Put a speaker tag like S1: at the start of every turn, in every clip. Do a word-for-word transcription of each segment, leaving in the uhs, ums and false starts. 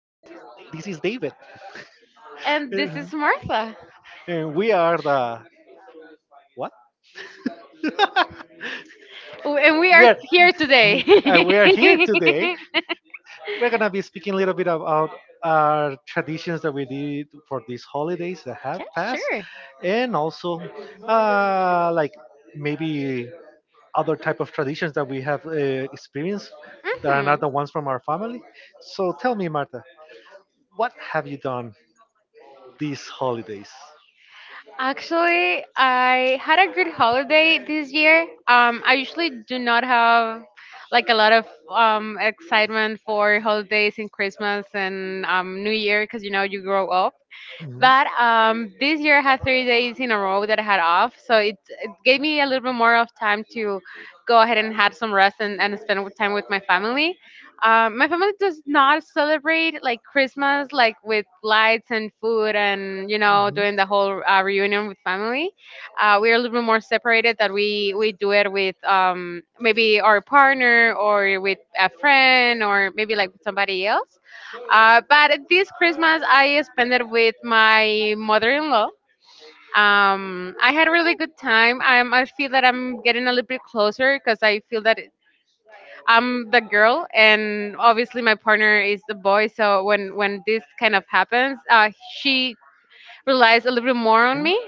S1: Mm.
S2: this is David.
S1: And this
S2: And
S1: is Martha.
S2: we are the what?
S1: Oh, and we
S2: we
S1: are here today.
S2: uh, we are here today. We're gonna be speaking a little bit about our traditions that we did for these holidays that have
S1: Yeah,
S2: passed,
S1: sure.
S2: and also uh, like maybe other type of traditions that we have uh, experienced that are
S1: Hmm.
S2: not the ones from our family. So tell me, Marta, what have you done these holidays?
S1: Actually, I had a good holiday this year. Um, I usually do not have like a lot of um, excitement for holidays and Christmas and um, New Year because you know you grow up.
S2: Mhm.
S1: But um, this year I had three days in a row that I had off, so it, it gave me a little bit more of time to go ahead and have some rest and, and spend with time with my family. Um, my family does not celebrate like Christmas like with lights and food and you know doing the
S2: Mhm.
S1: whole uh, reunion with family. Uh, we're a little bit more separated that we we do it with um, maybe our partner or with a friend or maybe like with somebody else. Uh, but this Christmas I spent it with my mother-in-law. Um, I had a really good time. I'm, I feel that I'm getting a little bit closer because I feel that it- I'm the
S2: Mhm.
S1: girl, and obviously my partner is the boy. So when when this kind of happens, uh, she relies a little bit more on me,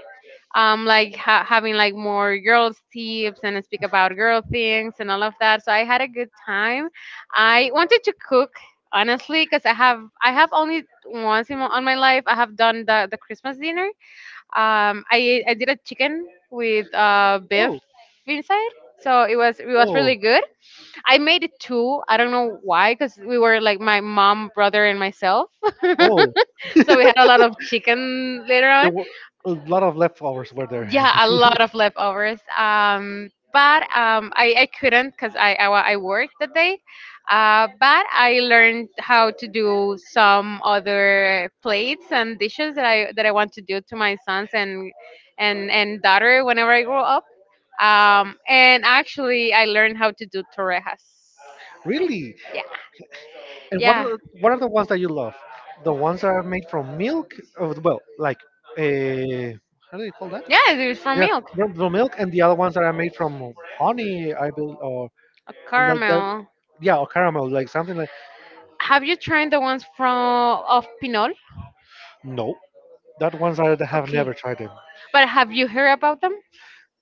S1: um, like ha- having like more girls tips and speak about girl things and all of that. So I had a good time. I wanted to cook, honestly, because i have I have only once in my, on my life I have done the, the Christmas dinner. Um i i did a chicken with uh beef
S2: Oh,
S1: inside, so it was it was
S2: oh,
S1: really good. I made it too, I don't know why, because we were like my mom, brother and myself.
S2: oh!
S1: So we had a lot of chicken later
S2: There
S1: on.
S2: were a lot of leftovers were there.
S1: Yeah, a lot of leftovers. Um but um i, I couldn't because I, I wa- I worked that day. Uh but I learned how to do some other plates and dishes that i that I want to do to my sons and and and daughter whenever I grow up. Um and Actually, I learned how to do torrejas.
S2: Really?
S1: Yeah.
S2: And what
S1: Yeah.
S2: are what are the ones that you love? The ones that are made from milk? Oh, well, like uh, how do you call that?
S1: Yeah, it was for
S2: Yeah,
S1: milk.
S2: from the milk, and the other ones that are made from honey, I believe.
S1: A
S2: And like that,
S1: caramel.
S2: yeah, or caramel, like something like
S1: Have you tried the ones from of pinol?
S2: no, that ones I have never
S1: Okay.
S2: tried them.
S1: But have you heard about them?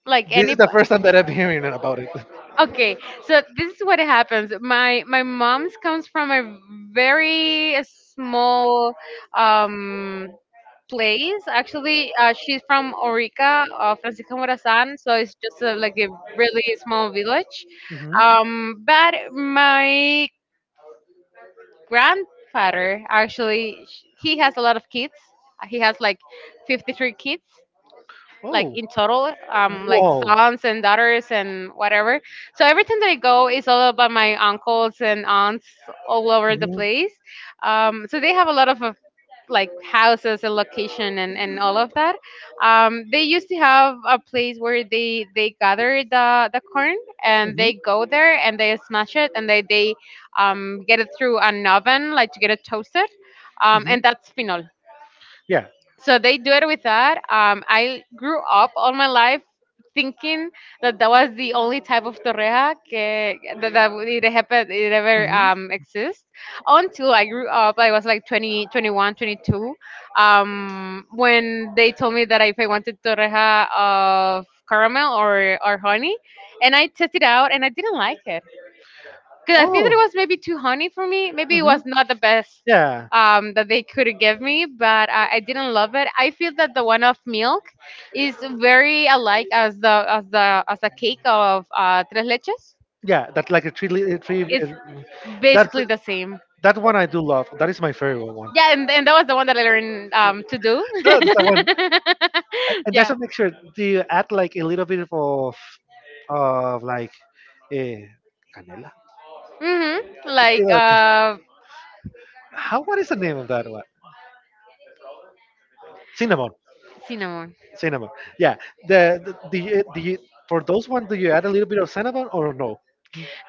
S1: like
S2: This
S1: any,
S2: is the first time that I'm hearing about it.
S1: okay. So this is what happens. My my mom's comes from a very small, um, place. Actually, uh, she's from Orica, uh, Francisco Morazan. So it's just a, like a really small village.
S2: Hmm.
S1: Um but my grandfather, actually, sh- he has a lot of kids. He has like fifty-three kids, like
S2: Oh,
S1: in total, um, like
S2: wow.
S1: sons and daughters and whatever. So every time that I go, it's all about my uncles and aunts all over the
S2: Mhm.
S1: place. Um so they have a lot of, uh, like houses and location, and, and all of that. Um they used to have a place where they they gather the the corn, and
S2: Mhm.
S1: they go there and they smash it, and they they um, get it through an oven, like to get it toasted. Um and
S2: Mhm.
S1: that's pinol.
S2: Yeah.
S1: So they do it with that. um, I grew up all my life thinking that that was the only type of torreja que, that, that it, happened, it ever
S2: Mhm.
S1: um, exists. Until I grew up, I was like twenty, twenty one, twenty two, um, when they told me that if I wanted torreja of caramel or, or honey. And I tested out and I didn't like it, because I think that
S2: Oh.
S1: it was maybe too honey for me. Maybe it
S2: Mhm.
S1: was not the best,
S2: Yeah.
S1: um, that they could give me. But I, I didn't love it. I feel that the one of milk is very alike as the as the as a cake of uh, tres leches.
S2: Yeah, that's like a tree, li- a three uh,
S1: It's
S2: that's
S1: basically the same.
S2: that one I do love. That is my favorite one.
S1: Yeah, and, and that was the one that I learned,
S2: No,
S1: um, to do.
S2: that's the one. And and that's
S1: Yeah.
S2: a mixture. Do you add like a little bit of of like eh, canela?
S1: Mhm.
S2: Eh,
S1: Like,
S2: like-
S1: uh,
S2: how? What is the name of that one? Cinnamon.
S1: cinnamon.
S2: Cinnamon. Yeah. The, the do you do you for those one do you add a little bit of cinnamon or no?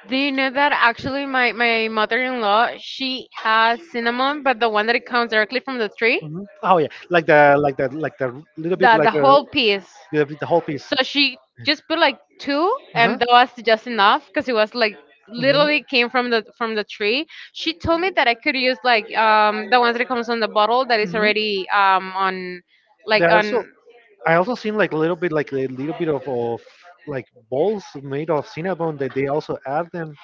S1: Do you know that, actually, my, my mother-in-law, she has cinnamon, but the one that it comes directly from the tree,
S2: Mhm. Oh yeah, like the like the like the little bit
S1: the the
S2: like a
S1: whole piece.
S2: little bit the whole piece.
S1: So she just put like two,
S2: Uh-huh.
S1: and that was just enough because it was like
S2: Hmm.
S1: literally came from the from the tree. She told me that I could use like, um, the ones that comes on the bottle that is
S2: Hmm.
S1: already, um, on like
S2: There are so
S1: on.
S2: I also seen like a little bit like a little bit of, of like balls made of cinnamon that they also add them.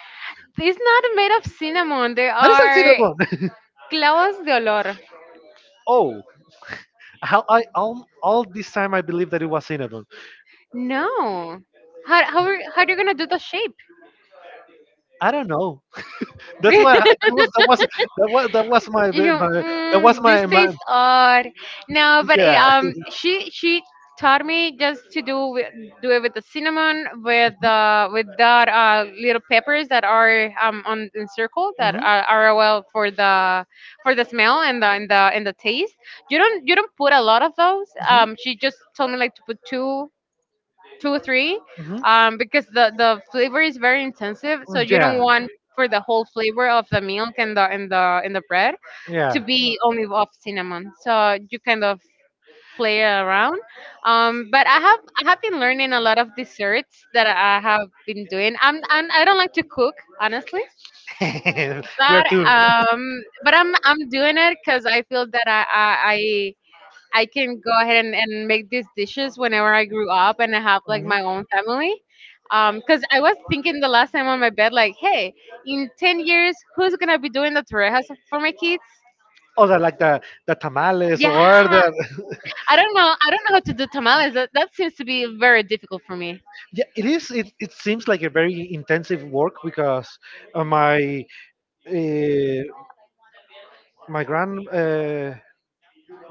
S1: It's not made of cinnamon. They
S2: That is not
S1: are
S2: cinnamon.
S1: clavos de olor.
S2: Oh, how I all, all this time I believe that it was cinnamon.
S1: No. How how are, how are you gonna do the shape?
S2: I don't know. That's why I- that was that was that was that was my
S1: you
S2: my that was
S1: mm, these
S2: my, my
S1: things are. No, but eh,
S2: yeah.
S1: um she she taught me just to do with, do it with the cinnamon with uh with that uh little peppers that are, um, on in circle that
S2: Mhm.
S1: are, are well for the for the smell and the and the and the taste. You don't you don't put a lot of those.
S2: Hmm.
S1: Um, she just told me like to put two, two or three,
S2: Hmm.
S1: um, because the the flavor is very intensive. So you don't
S2: Yeah.
S1: want for the whole flavor of the milk and the and the and the bread to
S2: Yeah.
S1: be only of cinnamon. So you kind of play around. Um, but I have I have been learning a lot of desserts that I have been doing. I'm, I'm, I don't like to cook, honestly,
S2: Where
S1: but
S2: to?
S1: um, but I'm I'm doing it because I feel that I I. I I can go ahead and, and make these dishes whenever I grew up and I have like
S2: Mhm.
S1: my own family. Because I was thinking the last time on my bed, like, hey, in ten years, who's going to be doing the torrejas for my kids?
S2: Oh, the like the the tamales
S1: Yeah,
S2: or the
S1: I don't know. I don't know how to do tamales. That, that seems to be very difficult for me.
S2: yeah. It is. It, it seems like a very intensive work because uh, my uh, my grand uh,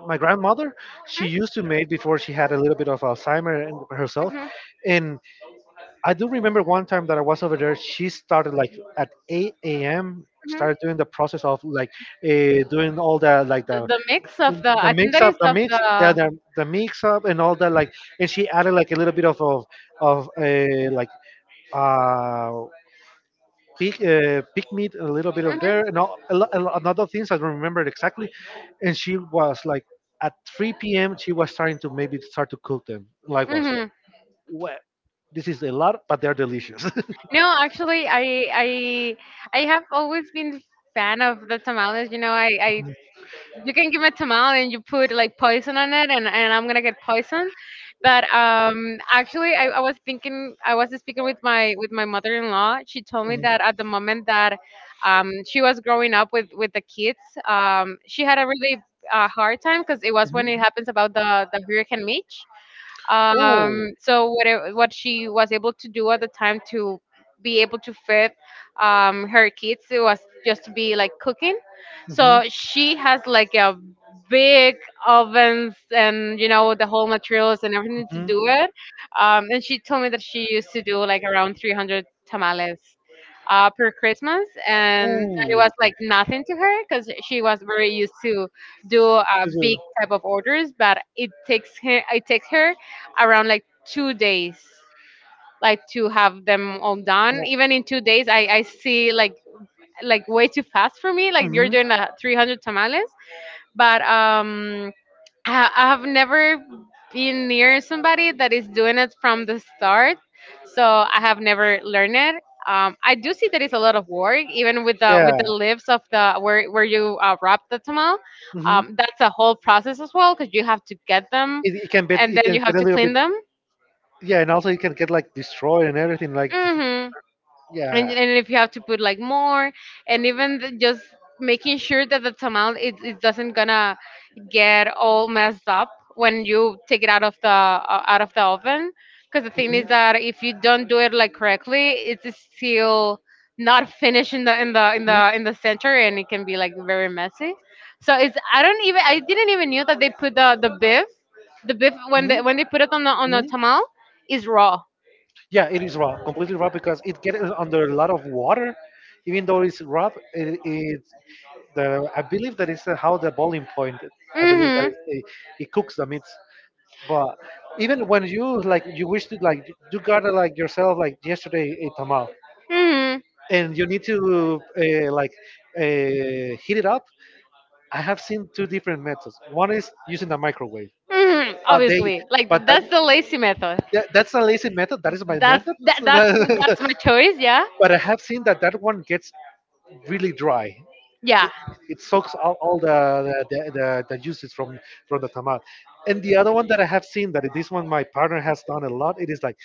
S2: my grandmother she used to make before she had a little bit of alzheimer and- herself
S1: Mhm, mhm,
S2: and I do remember one time that I was over there she started like at eight a.m.
S1: mhm.
S2: started doing the process of like uh, doing all the like
S1: The,
S2: the
S1: the mix of the,
S2: the
S1: I think
S2: mix
S1: that
S2: up
S1: is
S2: the
S1: of
S2: mix yeah
S1: the.
S2: the, the mix up and all that like and she added like a little bit of of, of uh, like uh pig, uh, pig meat, a little bit of
S1: Mhm,
S2: there, and all, a, lo- a, lo- another things I don't remember it exactly. And she was like at three p m. she was starting to maybe start to cook them. Likewise, like,
S1: mhm.
S2: well, this is a lot, but they're delicious.
S1: No, actually, I I I have always been fan of the tamales. You know, I I you can give me a tamal and you put like poison on it, and, and I'm gonna get poisoned. But um actually, I, I was thinking, I was speaking with my with my mother-in-law. She told me that at the moment that, um, she was growing up with with the kids, um, she had a really, uh, hard time, because it was when it happens about the the hurricane Mitch. Um
S2: Oh.
S1: so what it- what she was able to do at the time to be able to feed, um, her kids, it was just to be like cooking. So she has like a big ovens, and you know the whole materials and everything to
S2: Mhm,
S1: do it. Um and she told me that she used to do like around three hundred tamales, uh, per Christmas, and
S2: mhm.
S1: it was like nothing to her because she was
S2: Ooh.
S1: very used to do, uh, big type of orders. But it takes her, it takes her around like two days, like to have them all done. Even in two days, i, I see like like way too fast for me, like you're
S2: 就是我，嗯yeah,
S1: doing the three hundred tamales. But um I, I have never been near somebody that is doing it from the start. So I have never learned it. Um, I do see that it's a lot of work, even with the with the lips of the, where where you, uh, wrap the tamal.
S2: hmm
S1: Um, that's a whole process as well, because you have to get them,
S2: it, it can be
S1: and
S2: it
S1: then
S2: can
S1: you
S2: get
S1: have
S2: a
S1: to
S2: little bit
S1: clean them.
S2: yeah, and also it can get like destroyed and everything like
S1: Mhm. And,
S2: yeah,
S1: and if you have to put like more, and even the, just making sure that the tamal, it, it doesn't gonna get all messed up when you take it out of the uh, out of the oven. Because the thing
S2: mhm,
S1: is that if you don't do it like correctly, it's still not finished in the in the in
S2: Mhm.
S1: the in the center, and it can be like very messy. So it's, i don't even I didn't even knew that they put the the beef, the beef when they
S2: Mhm.
S1: when they put it on the on the
S2: Mhm.
S1: tamal, is raw.
S2: Yeah, it is raw, completely raw because it gets under a lot of water. Even though it's raw, it, it the I believe that is how the boiling point. I believe
S1: Mm-hmm.
S2: that hmm it, it cooks the meat. But even when you like, you wish to like, you got to like yourself like yesterday a tamal,
S1: Hmm.
S2: and you need to uh, like uh, heat it up. I have seen two different methods. One is using the microwave,
S1: Hmm.
S2: but they,
S1: Obviously, like,
S2: but
S1: th-
S2: that,
S1: that's the lazy method.
S2: that that's a lazy method. That is my
S1: That's
S2: method.
S1: that, that's that's my choice. Yeah.
S2: But I have seen that that one gets really dry.
S1: Yeah.
S2: It, it soaks all, all the, the, the, the juices from, from the tomato. And the other one that I have seen that this one my partner has done a lot, it is like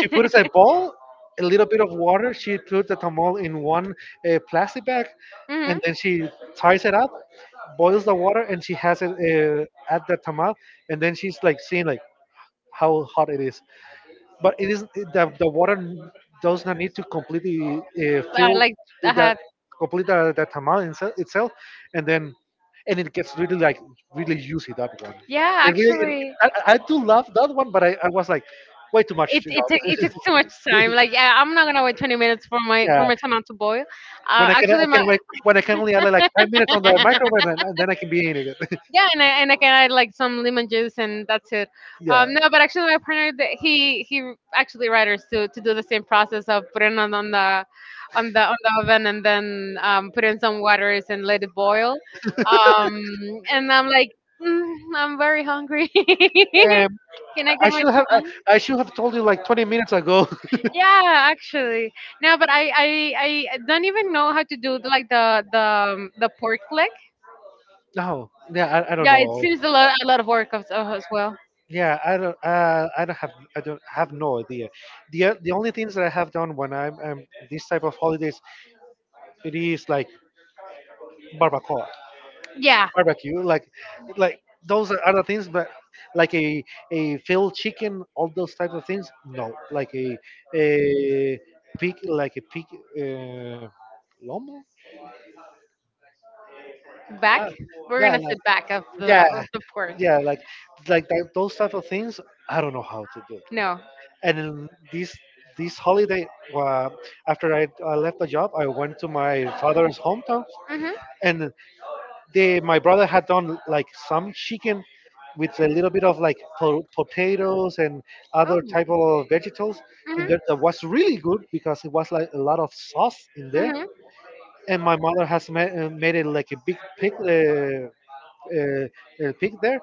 S2: she puts a bowl, a little bit of water, she puts the tamal in one uh, plastic bag,
S1: Hmm.
S2: and then she ties it up, boils the water, and she has it uh, at the tamal, and then she's like seeing like how hot it is but it is the, the water does not need to completely uh,
S1: Uh,
S2: fill
S1: like,
S2: that
S1: uh,
S2: complete the, that tamal inse- itself and then and it gets really like really juicy that one.
S1: yeah,
S2: It really it,
S1: actually,
S2: I, I I do love that one but i, I was like way too much
S1: it
S2: to
S1: it take, it takes too much
S2: go.
S1: time. Like, yeah, I'm not gonna wait twenty minutes for my for
S2: Yeah,
S1: my tomato to boil.
S2: when
S1: Uh,
S2: i can i
S1: actually, my
S2: can wait when i can only add like five minutes on the microwave, and, and then I can be in it.
S1: Yeah, and I, and I can add like some lemon juice and that's it.
S2: Yeah.
S1: Um, no, but actually, my partner, th- he he actually writers to to do the same process of putting it on the on the on the oven and then, um, put in some waters and let it boil. Um, and I'm like, mm, I'm very hungry.
S2: Um,
S1: Can I get
S2: I
S1: my
S2: should have I,
S1: tomato?
S2: I should have told you like twenty minutes ago.
S1: Yeah, actually. No, but, I, I I don't even know how to do the, like the the um, the pork leg.
S2: No, yeah, I, I don't
S1: Yeah, it
S2: know.
S1: seems a lot, a lot of work as, uh, as well.
S2: Yeah, I don't uh, I don't have I don't have no idea. The the only things that I have done when I'm, I this type of holidays it is like barbacoa.
S1: Yeah.
S2: Barbecue, like like those are other things, but like a a filled chicken, all those types of things. No, like a a pig, like a pig, uh, lomo. Ah,
S1: Back. We're
S2: yeah,
S1: gonna say
S2: like,
S1: back of the
S2: yeah,
S1: of the pork.
S2: yeah, like like that, those type of things. I don't know how to do.
S1: No.
S2: And in this this holiday, uh, after I, I left the job, I went to my father's hometown,
S1: Mm-hmm.
S2: and the my brother had done like some chicken with a little bit of like po- potatoes and
S1: Oh.
S2: other type of vegetables in
S1: Mm-hmm.
S2: there that was really good because it was like a lot of sauce in there
S1: Mm-hmm.
S2: and my mother has made, made it like a big pig uh, uh, a pig there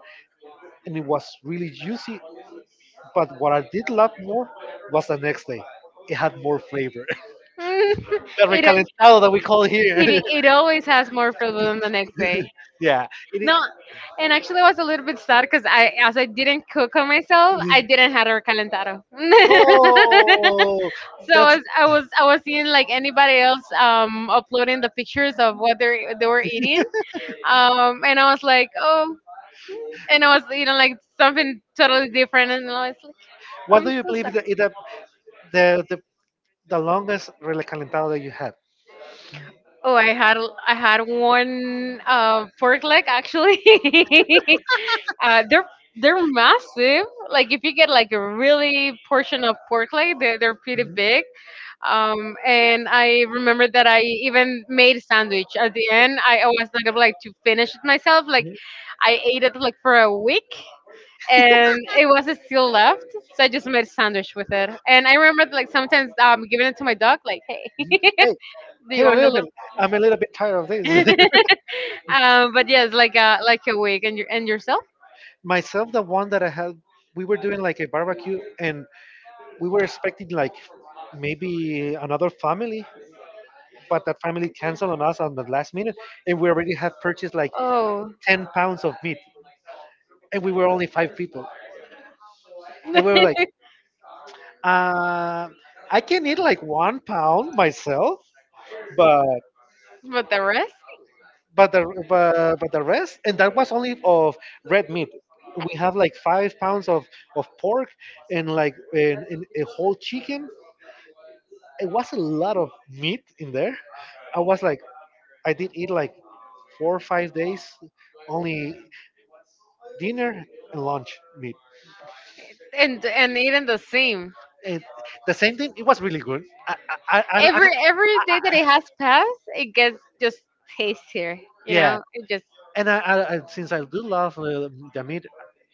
S2: and it was really juicy but what I did love more was the next day it had more flavor.
S1: Mm,
S2: The
S1: it, al-
S2: recalentado that we call here.
S1: it, it always has more for them the next day.
S2: Yeah it,
S1: No, and actually, I was a little bit sad because I, as I didn't cook on myself, I didn't have a recalentado. So
S2: no,
S1: I
S2: that's
S1: was, I was, I was seeing like anybody else um, uploading the pictures of what they they were eating, um, and I was like, oh, and I was eating like something totally different, and I was like,
S2: what
S1: I'm
S2: do you
S1: so
S2: believe
S1: sad.
S2: is the is the the, the, the longest recalentado that you had?
S1: Oh, I had, I had one uh, pork leg actually. Uh, they're they're massive. Like if you get like a really portion of pork leg, they're they're pretty
S2: Mhm,
S1: big. Um, and I remember that I even made a sandwich at the end. I always like I'm, like to finish it myself. Like
S2: mhm,
S1: I ate it like for a week, and it was still left. So I just made a sandwich with it. And I remember like sometimes um giving it to my dog. Like, hey,
S2: mhm. Hey,
S1: do you
S2: here a
S1: want a
S2: little
S1: little?
S2: bit. I'm a little bit tired of this.
S1: Um, but yes, like a like a week and your and yourself.
S2: Myself, the one that I had, we were doing like a barbecue, and we were expecting like maybe another family, but that family canceled on us on the last minute, and we already had purchased like
S1: Oh.
S2: ten pounds of meat, and we were only five people, and we were like, uh, I can eat like one pound myself. but
S1: But the rest,
S2: but the but, but the rest and that was only of red meat we have like five pounds of of pork and like and, and a whole chicken. It was a lot of meat in there. I was like i did eat like four or five days only dinner and lunch meat
S1: and and even the same.
S2: and the same thing. It was really good i i, I, I
S1: Every every day that it has passed, it gets just tastier, you
S2: yeah
S1: know? It just
S2: and I, I, I since I do love uh, the meat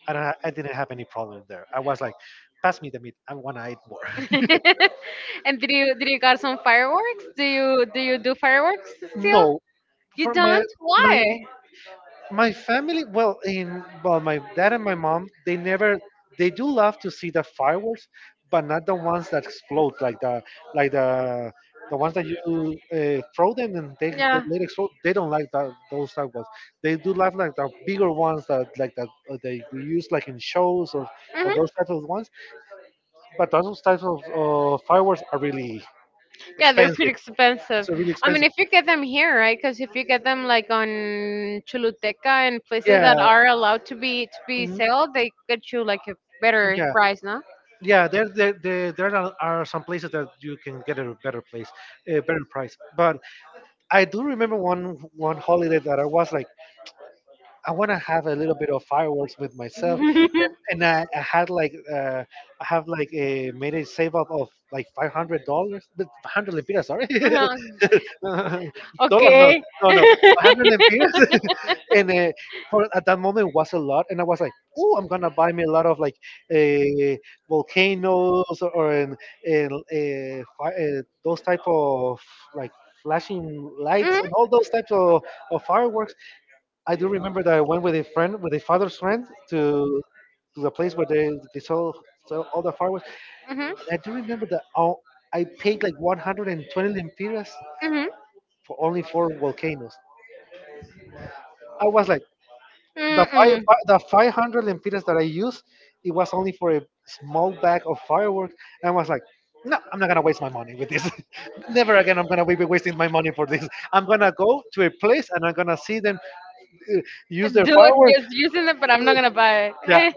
S2: I, don't- I didn't have any problem there. I was like pass me the meat I want to eat more.
S1: And did you did you got some fireworks? Do you do you do fireworks still?
S2: No,
S1: You
S2: for my
S1: don't?
S2: my
S1: Why?
S2: my family. Well, in well, my dad and my mom, they never they do love to see the fireworks, but not the ones that explode, like the like the the ones that you uh, throw them and they they
S1: Yeah.
S2: they explode. They don't like that those type ones. They do love like the bigger ones that like that uh, they we use like in shows or or
S1: Mhm.
S2: those types of ones. But those types of uh, fireworks are really
S1: Yeah, they're
S2: expensive.
S1: pretty expensive.
S2: So really
S1: I mean,
S2: expensive.
S1: if you get them here, right? Because if you get them like on Choluteca and places that
S2: Yeah.
S1: are allowed to be to be
S2: Mhm.
S1: sold, they get you like a better
S2: Yeah,
S1: price, no?
S2: yeah, there, there, there, there are are some places that you can get a better place, a better price. But I do remember one one holiday that I was like, I want to have a little bit of fireworks with myself, and I, I had like, uh, I have like a made a save up of like five hundred dollars, but hundred lempiras, sorry,
S1: Uh-huh.
S2: dollars, no,
S1: Okay.
S2: no, no, hundred and uh, for at that moment was a lot, and I was like, "Oh, I'm gonna buy me a lot of like uh, volcanoes or an, an, uh, fi- uh, those type of like flashing lights
S1: Mhm.
S2: and all those types of, of fireworks." I do remember that I went with a friend, with a father's friend, to to the place where they, they sell, sell all the fireworks,
S1: Mhm.
S2: and I do remember that I, I paid like one hundred twenty lempiras
S1: Mm-hmm.
S2: for only four volcanoes. I was like, the five,
S1: Mm-mm.
S2: the five hundred lempiras that I used, it was only for a small bag of fireworks. And I was like, no, I'm not gonna waste my money with this. Never again. I'm gonna be wasting my money for this. I'm gonna go to a place and I'm gonna see them uh, use
S1: Dude,
S2: their fireworks.
S1: just using it, but I'm not
S2: Uh,
S1: gonna buy it.
S2: Yeah,
S1: Eh,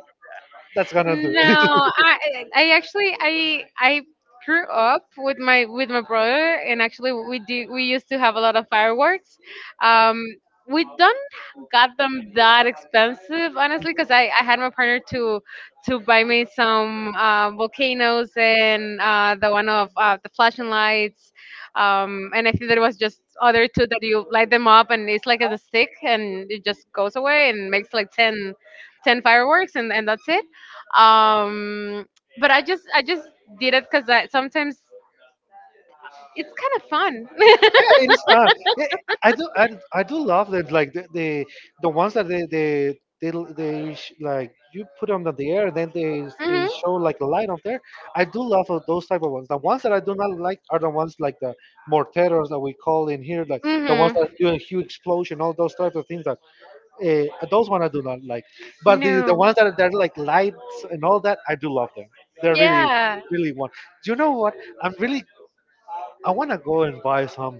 S2: that's gonna do.
S1: No, I, I actually, I, I grew up with my with my brother, and actually, we did. We used to have a lot of fireworks. Um, we don't got them that expensive, honestly, because I, I had my partner to to buy me some uh, volcanoes and uh, the one of uh, the flashing lights, um, and I think there was just other two that you light them up and it's like a stick and it just goes away and makes like ten ten fireworks, and, and that's it. Um, but I just I just did it because sometimes it's kind of fun.
S2: Yeah, it's fun. Yeah, I do, I, I do love that. Like the the, the ones that they they they, they sh- like you put on the air, and then they they
S1: Mhm.
S2: show like a light on there. I do love of those type of ones. The ones that I do not like are the ones like the morteros that we call in here, like the ones
S1: Mhm.
S2: that do a huge explosion, all those types of things that, uh, those one I do not like. But the the
S1: No.
S2: ones that are, that are like lights and all that, I do love them. They're really,
S1: Yeah.
S2: really one. Do you know what? I'm really I want to go and buy some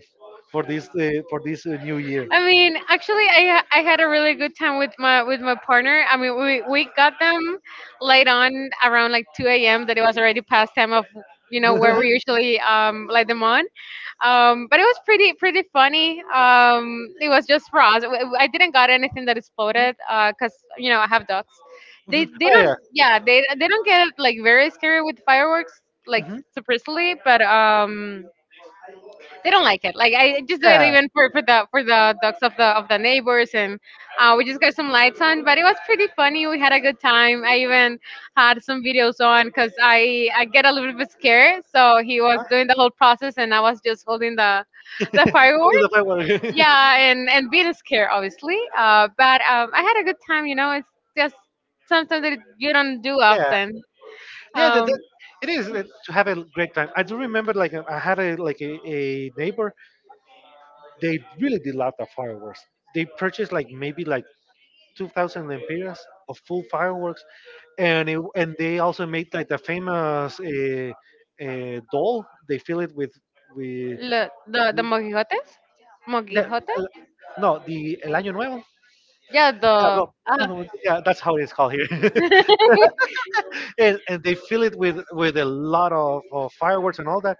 S2: for this uh, for this uh, new year.
S1: I mean, actually I ha- I had a really good time with my with my partner. I mean, we we got them late on around like two a m, that it was already past time of, you know, where we usually um light them on. Um but it was pretty pretty funny. Um it was just for us. W- I didn't got anything that exploded, uh 'cause cause you know, I have dogs. They
S2: Mhm.
S1: they
S2: Oh,
S1: don't,
S2: yeah.
S1: yeah, they they don't get like very scary with fireworks like
S2: Mhm.
S1: super easily, but um they don't like it. Like I just do it
S2: Yeah.
S1: even for, for the for the dogs of the of the neighbors, and uh, we just got some lights on. But it was pretty funny. We had a good time. I even had some videos on because I I get a little bit scared. So he was
S2: Huh?
S1: doing the whole process, and I was just holding the the firework.
S2: Only the five water- yeah.
S1: Yeah, and and being scared, obviously. Uh, but um, I had a good time. You know, it's just something that you don't do often.
S2: Yeah. That,
S1: Um,
S2: that, it is uh, to have a great time. I do remember like, uh, I had a, like, a, a neighbor. They really did love the fireworks. They purchased like, maybe like two thousand lempiras of full fireworks, and it, and they also made like the famous, uh, uh, doll. They fill it with with
S1: Lo- the the mojijotes?
S2: the,
S1: Mojijote?
S2: uh, no the El Año Nuevo.
S1: Yeah, the,
S2: Ah, no,
S1: ah.
S2: ah, no, yeah, that's how it's called here, and, and they fill it with with a lot of, of fireworks and all that.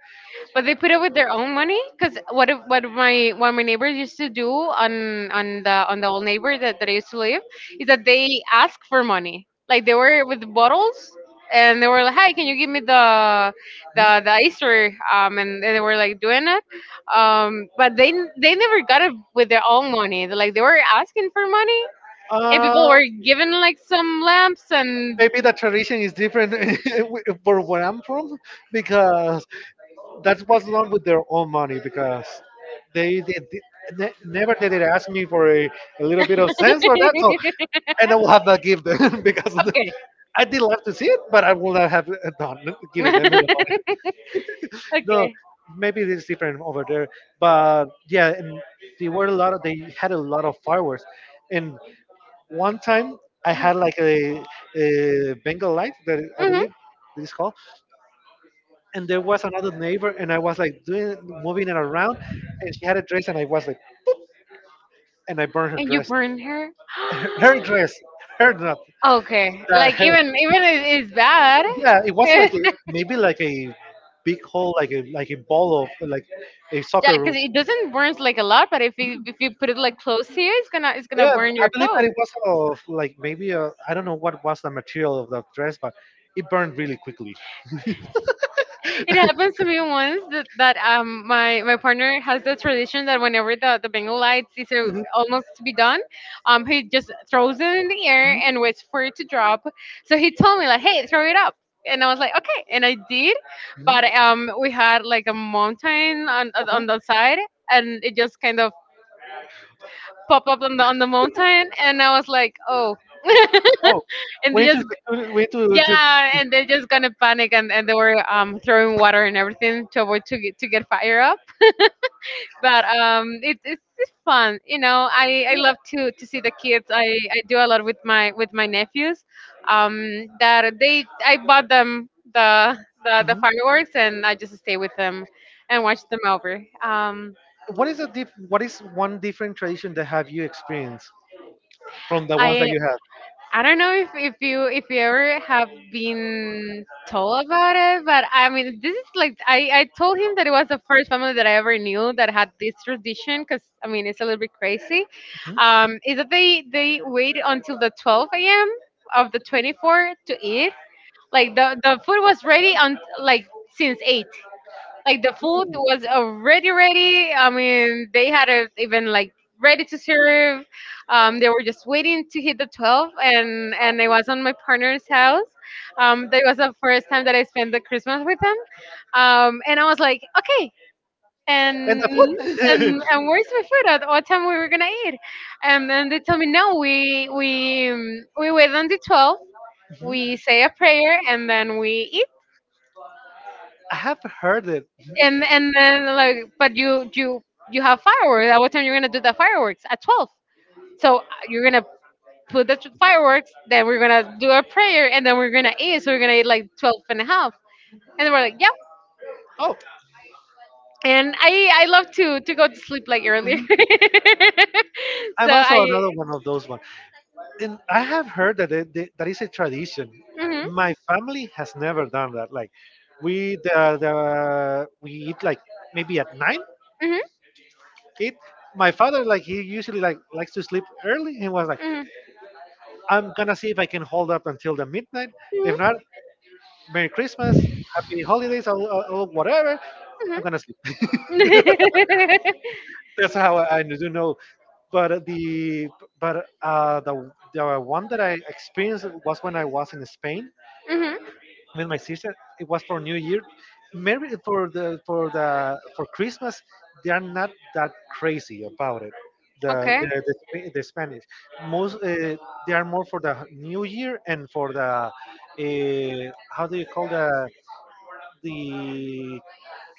S1: But they put it with their own money, because what if, what if my what my neighbors used to do on on the on the old neighbor that, that I used to live is that they ask for money. Like they were with bottles, and they were like, "Hi, can you give me the
S2: Mhm.
S1: the the Easter?" Um, and, and they were like doing it, um, but they they never got it with their own money. They- Like they were asking for money, and
S2: Uh,
S1: people were given like some lamps and
S2: Maybe the tradition is different for where I'm from, because that was done with their own money, because they, they, did- ne- never did it ask me for a, a little bit of sense or that. So, and I will have that give them because of the-
S1: okay,
S2: I did love to see it, but I would not have, uh, done given them the money. No,
S1: okay.
S2: maybe it's different over there, but yeah, and they were a lot of they had a lot of fireworks, and one time I had like a, a Bengal light that I
S1: Hmm.
S2: believe this call, and there was another neighbor, and I was like, doing, moving it around, and she had a dress, and I was like, and I burned her
S1: And you
S2: dress,
S1: burn her?
S2: her, her dress her, not
S1: Okay.
S2: that
S1: Like
S2: her,
S1: even even it is bad.
S2: yeah, it was
S1: Yeah,
S2: like a, maybe like a big hole, like a like a ball of like a soccer
S1: because
S2: room.
S1: it doesn't burn like a lot, but if you if you put it like close to you, it's gonna it's gonna
S2: Yeah,
S1: burn
S2: I
S1: your
S2: believe that
S1: clothes.
S2: it was of, like, maybe I i don't know what was the material of that dress, but it burned really quickly.
S1: It happens to me once that, that um my my partner has the tradition that whenever the, the Bengal lights is uh,
S2: Mhm,
S1: almost to be done, um he just throws it in the air
S2: mhm,
S1: and waits for it to drop. So he told me like, hey, throw it up, and I was like, okay, and I did,
S2: mhm,
S1: but um we had like a mountain on on
S2: uh-huh.
S1: on the side, and it just kind of pop up on the on the mountain, and I was like, oh,
S2: Oh,
S1: and
S2: we
S1: they
S2: need
S1: just
S2: to we need to, to
S1: yeah, and they just gonna panic, and, and they were um throwing water and everything to avoid to get to get fire up, but um, it, it's it's fun. You know, I, I
S2: yeah.
S1: love to to see the kids. I, I do a lot with my with my nephews. Um, that they I bought them the the, the
S2: Mhm.
S1: fireworks and I just stay with them and watch them over. Um,
S2: What is a diff- What is one different tradition that have you experienced from the ones that
S1: I
S2: you have?
S1: I don't know if, if you if you ever have been told about it, but I mean this is like I, I told him that it was the first family that I ever knew that had this tradition because I mean it's a little bit crazy.
S2: Mhm.
S1: Um, is that they they wait until the twelve a m of the twenty-four to eat? Like the the food was ready on like since eight. Like the food
S2: Ooh.
S1: was already ready. I mean, they had it even like ready to serve. Um, they were just waiting to hit the twelve, and and I was on my partner's house. Um, that was the first time that I spent the Christmas with them. Um, and I was like, okay.
S2: And
S1: And,
S2: the food.
S1: and and where's my food? At what time we were gonna eat? And then they told me, no, we we um, we wait on the twelve.
S2: Mhm.
S1: We say a prayer and then we eat.
S2: I have heard it.
S1: and and then, like, but you you you have fireworks? At what time you're gonna do the fireworks? At twelve? So uh, you're gonna put the tr- fireworks, then we're gonna do a prayer, and then we're gonna eat, so we're gonna eat like twelve and a half. And then we're like, yeah.
S2: Oh.
S1: And i i love to to go to sleep like earlier. So
S2: I'm also another
S1: I...
S2: one of those ones. And I have heard that it, that that is a tradition.
S1: Hmm.
S2: My family has never done that. Like we the, the we eat like maybe at nine.
S1: Hmm.
S2: Eat. My father, like, he usually like likes to sleep early. He was like, I'm gonna see if I can hold up until the midnight.
S1: Hmm.
S2: If not, Merry Christmas, Happy
S1: Hmm.
S2: Holidays, or, or, or whatever. I'm gonna sleep.
S1: Mhm.
S2: That's how I do know. But the but uh, the the one that I experienced was when I was in Spain
S1: Mhm.
S2: with my sister. It was for New Year. Maybe for the for the for Christmas, they are not that crazy about it. The
S1: Okay.
S2: the, the, Sp- the Spanish, most, uh, they are more for the New Year and for the, uh, how do you call the the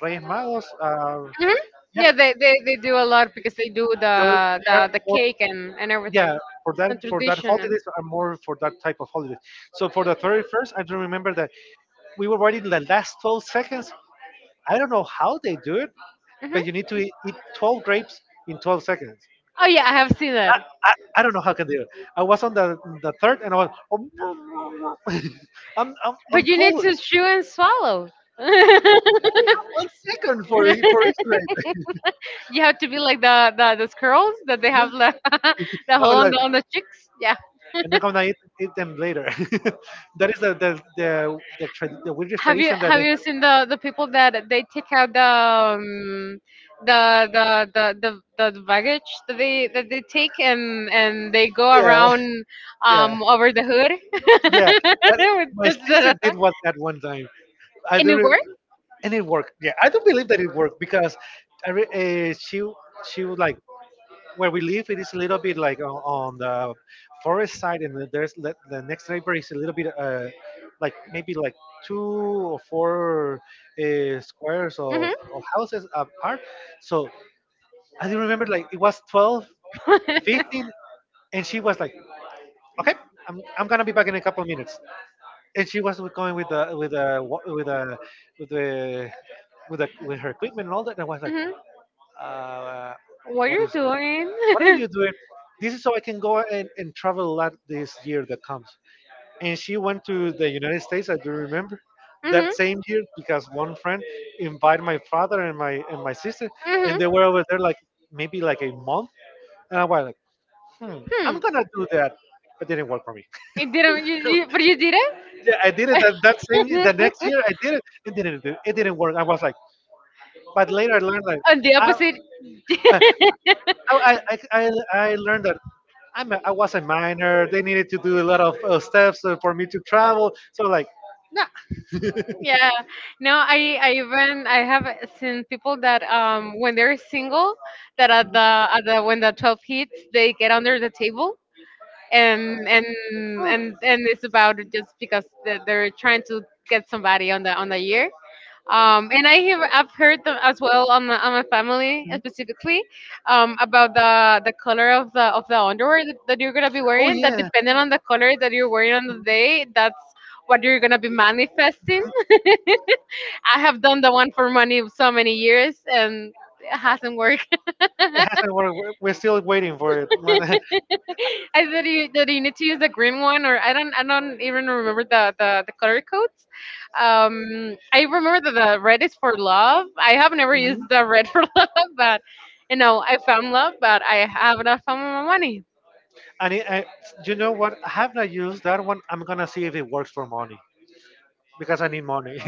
S2: Reyes Magos? Uh,
S1: Mhm.
S2: yeah,
S1: Yeah, they, they, they do a lot because they do
S2: they're,
S1: the
S2: they're
S1: the, the
S2: more,
S1: cake, and, and everything,
S2: yeah. For that,
S1: the
S2: for that
S1: tradition and.
S2: holidays are more for that type of holidays. So for the thirty-first, I do remember that we were waiting the last twelve seconds. I don't know how they do it,
S1: Mhm.
S2: but you need to eat, eat twelve grapes in twelve seconds.
S1: Oh yeah, I have seen
S2: I,
S1: that.
S2: I, I don't know how can they do it. I was on the the third, and I was, I'm, I'm,
S1: But
S2: I'm
S1: you need
S2: full.
S1: to chew and swallow.
S2: I only have one second for, e- for each grape.
S1: You have to be like the the, the squirrels that they have the, the
S2: I
S1: hole
S2: was
S1: on
S2: like,
S1: the on the cheeks. Yeah.
S2: and then I'm gonna eat, eat them later. That is the the the, the, tra- the weirdest
S1: Have you
S2: tradition that
S1: have
S2: they
S1: you seen the the people that they take out the, um, the, the the the the baggage that they that they take, and and they go
S2: have. Yeah,
S1: around
S2: yeah,
S1: um over the hood
S2: yeah. That,
S1: with
S2: my
S1: just
S2: sister
S1: the,
S2: did what that one time. I
S1: in New
S2: do. And it worked. Yeah, I don't believe that it worked because I re- uh, she she would like, where we live. It is a little
S1: York?
S2: bit like on, on the forest side, and then there's the, the next neighbor is a little bit, uh like maybe like two or four, uh, squares of,
S1: Hmm.
S2: of houses apart. So I do remember like it was twelve fifteen, and she was like, okay. I'm, I'm gonna be back in a couple of minutes, and she was going with the with the wa- with the with the with, the, with her equipment and all that. And I was like,
S1: Hmm.
S2: uh,
S1: What
S2: what
S1: you
S2: is
S1: doing?
S2: what are you doing? This is so I can go and, and travel a lot this year that comes. And she went to the United States, I do remember that same year, because one friend invited my father and my and my sister,
S1: Hmm.
S2: and they were
S1: Hmm.
S2: over there like, maybe like a month, and I was like, hmm,
S1: Hmm.
S2: I'm gonna do that, but didn't work for me.
S1: It didn't, you, you, but you did
S2: Yeah, I did it that, that same, the next
S1: it.
S2: year I did it, it didn't do- it didn't work, I was like, but later I learned, like,
S1: On the
S2: I,
S1: opposite.
S2: I, I, I, I I learned that I'm a, I was a minor. They needed to do a lot of, uh, steps, uh, for me to travel. So like, nah.
S1: Yeah. No, i i even I have seen people that um when they're single, that at the at the when the twelve hits, they get under the table, and and
S2: Oh,
S1: and and it's about it just because they're they're trying to get somebody on the on the year. Um, and I have I've heard them as well on my, on my family, uh, specifically, um, about the the color of the of the underwear that, that you're gonna be
S2: oh
S1: wearing. That,
S2: yeah,
S1: depending on the color that you're wearing on the day, that's what you're gonna be manifesting. I have done the one for money so many years and it hasn't worked.
S2: it hasn't worked. We're we're still waiting for it. When,
S1: I thought you, that you need to use the green one, or I don't, I don't even remember the the, the color codes. Um, I remember that the red is for love. I have never used
S2: Mhm.
S1: the red for love, but you know, I found love, but I have not found my money.
S2: and it, I, you know what? I have not used that one. I'm gonna see if it works for money because I need money.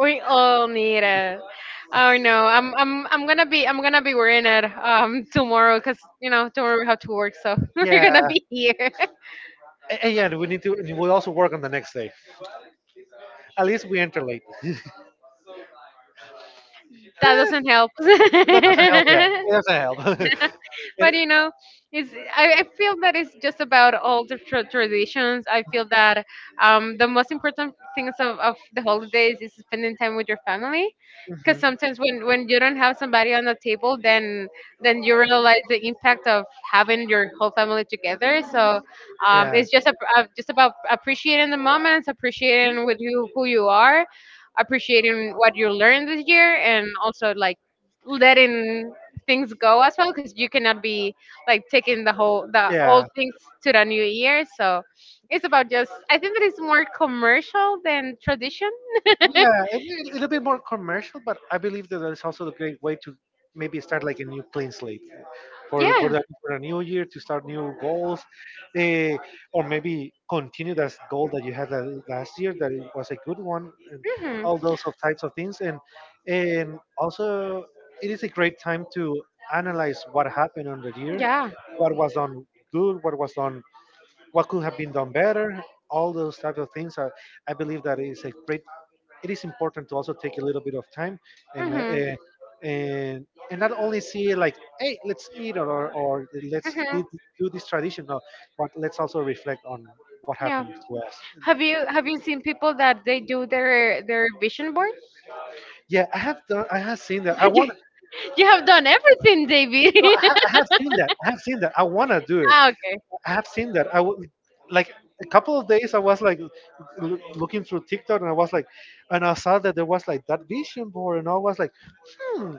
S1: We all need it. Oh no, I'm I'm I'm gonna be I'm gonna be wearing it um tomorrow because you know tomorrow we have to work, so we're gonna
S2: Yeah.
S1: be here.
S2: A- and yeah, we need to. We also work on the next day. At least we enter late.
S1: That
S2: Eh,
S1: doesn't help.
S2: that doesn't help yet. That doesn't help.
S1: But
S2: It-
S1: you know, it's, I, I feel that it's just about all the tra- traditions. I feel that, um, the most important things of, of the holidays is spending time with your family.
S2: Mhm.
S1: Because sometimes when, when you don't have somebody on the table, then then you realize the impact of having your whole family together. So um, it's just a, a, just about appreciating the moments, appreciating with you who you are, appreciating what you learned this year, and also like letting things go as well because you cannot be like taking the whole the
S2: Yeah.
S1: old things to the new year. So it's about just, I think that it's more
S2: Yeah.
S1: commercial than tradition.
S2: Yeah, it, it, it'll be more commercial, but I believe that there's also a great way to maybe start like a new clean slate for for
S1: Yeah.
S2: that for a new year, to start new goals, eh, or maybe continue that goal that you had la- last year, that it was a good one, and
S1: Hmm.
S2: all those of types of things, and and also it is a great time to analyze what happened on the year,
S1: Yeah.
S2: what was done good, what was done what could have been done better, all those type of things. I, I believe that is a great. It is important to also take a little bit of time and uh,
S1: Hmm.
S2: uh, and and not only see it like, hey, let's eat, or or, or let's
S1: Hmm.
S2: do, do this tradition, no, but let's also reflect on what
S1: Yeah.
S2: happened to us.
S1: Have you have you seen people that they do their their vision board?
S2: Yeah, I have done. I have seen that. I
S1: you,
S2: want.
S1: you have done everything, David.
S2: No, I, ha- I have seen that. I have seen that. I want to do it.
S1: Ah, okay.
S2: I have seen that. I w- like, a couple of days, I was like, l- looking through TikTok, and I was like, and I saw that there was like that vision board, and I was like, hmm,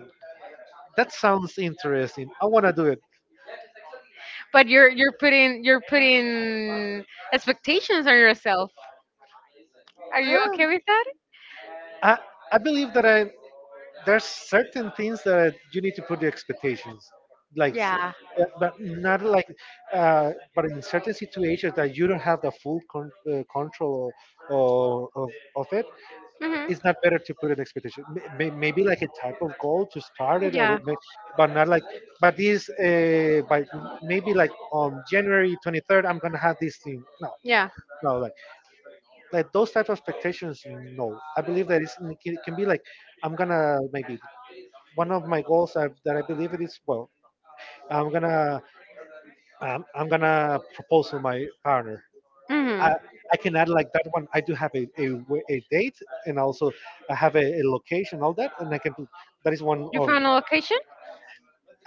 S2: that sounds interesting. I want to do it.
S1: But you're you're putting you're putting expectations on yourself. Are you
S2: Eh,
S1: okay with that?
S2: I, I believe that I there's certain things that you need to put the expectations, like s-
S1: Yeah.
S2: uh, but not, like, uh, but in certain situations that you don't have the full con- uh, control of, of, of it.
S1: Mhm.
S2: It's not better to put an expectation. May- may- maybe like a type of goal to start it, or
S1: Yeah.
S2: may- but not like, but this, uh, by maybe like, on January twenty-third I'm gonna have this thing, no.
S1: Yeah.
S2: No, like like those type of expectations. No, I believe that it's, it can it can be like, I'm gonna, maybe one of my goals I that I believe it is, well, i'm gonna um, i'm gonna propose to my partner. i
S1: Mhm.
S2: i can add like that one. I do have a, a, w- a date, and also I have a, a location, all that, and I can put that is one
S1: You
S2: of.
S1: found a location?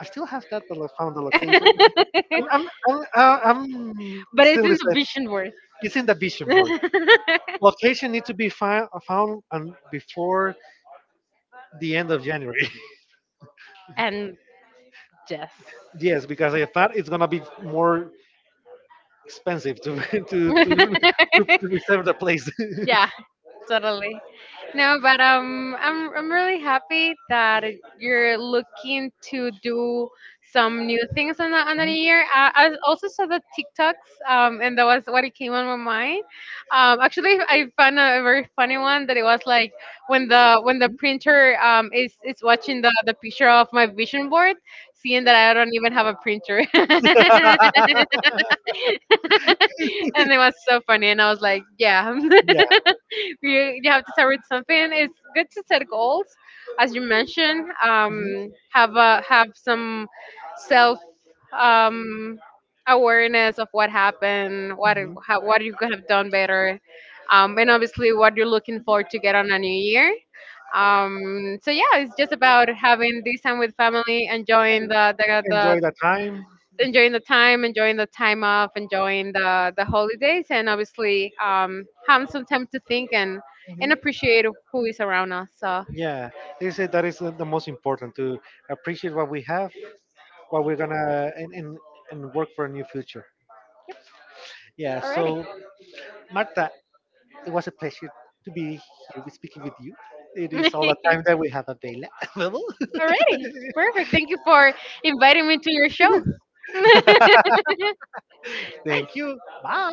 S2: I still have that, but I found the location. I'm
S1: But
S2: I'm I'm, uh, I'm But it's-
S1: it's
S2: still
S1: in
S2: this.
S1: the vision worth?
S2: It's in the vision board. Location need to be fi- found on before the end of January.
S1: And yes.
S2: Yes, because if not, it's gonna be more expensive to to, to reserve the place.
S1: Yeah. Totally. No, but um, I'm I'm really happy that you're looking to do some new things on the on the new year. I, I also saw the TikToks, um, and that was what it came on my mind. Um, actually, I found a very funny one that it was like when the when the printer um is is watching the the picture of my vision board, seeing that I don't even have a printer, and it was so funny, and I was like, yeah.
S2: Yeah.
S1: you, you have to start with something. It's good to set goals, as you mentioned.
S2: Mhm. Mhm.
S1: Um, have a, have some self, um, awareness of what happened, what how, what you could have done better, um, and obviously what you're looking for to get on a new year. Um, so yeah, it's just about having this time with family, enjoying
S2: En-
S1: the the, the
S2: Enjoy the time.
S1: enjoying the time, enjoying the time off, enjoying the the holidays, and obviously um, having some time to think and and
S2: Mhm.
S1: appreciate who is around us. So,
S2: Yeah, they say that is the the most important to appreciate what we have, what we're gonna and and, and work for a new future. Yeah,
S1: already.
S2: so Marta, it was a pleasure to be here with, speaking with you. It is all the
S1: Already.
S2: time that we have avail- available.
S1: Perfect. Thank you for inviting me to your show. Nice.
S2: Thank you. Bye.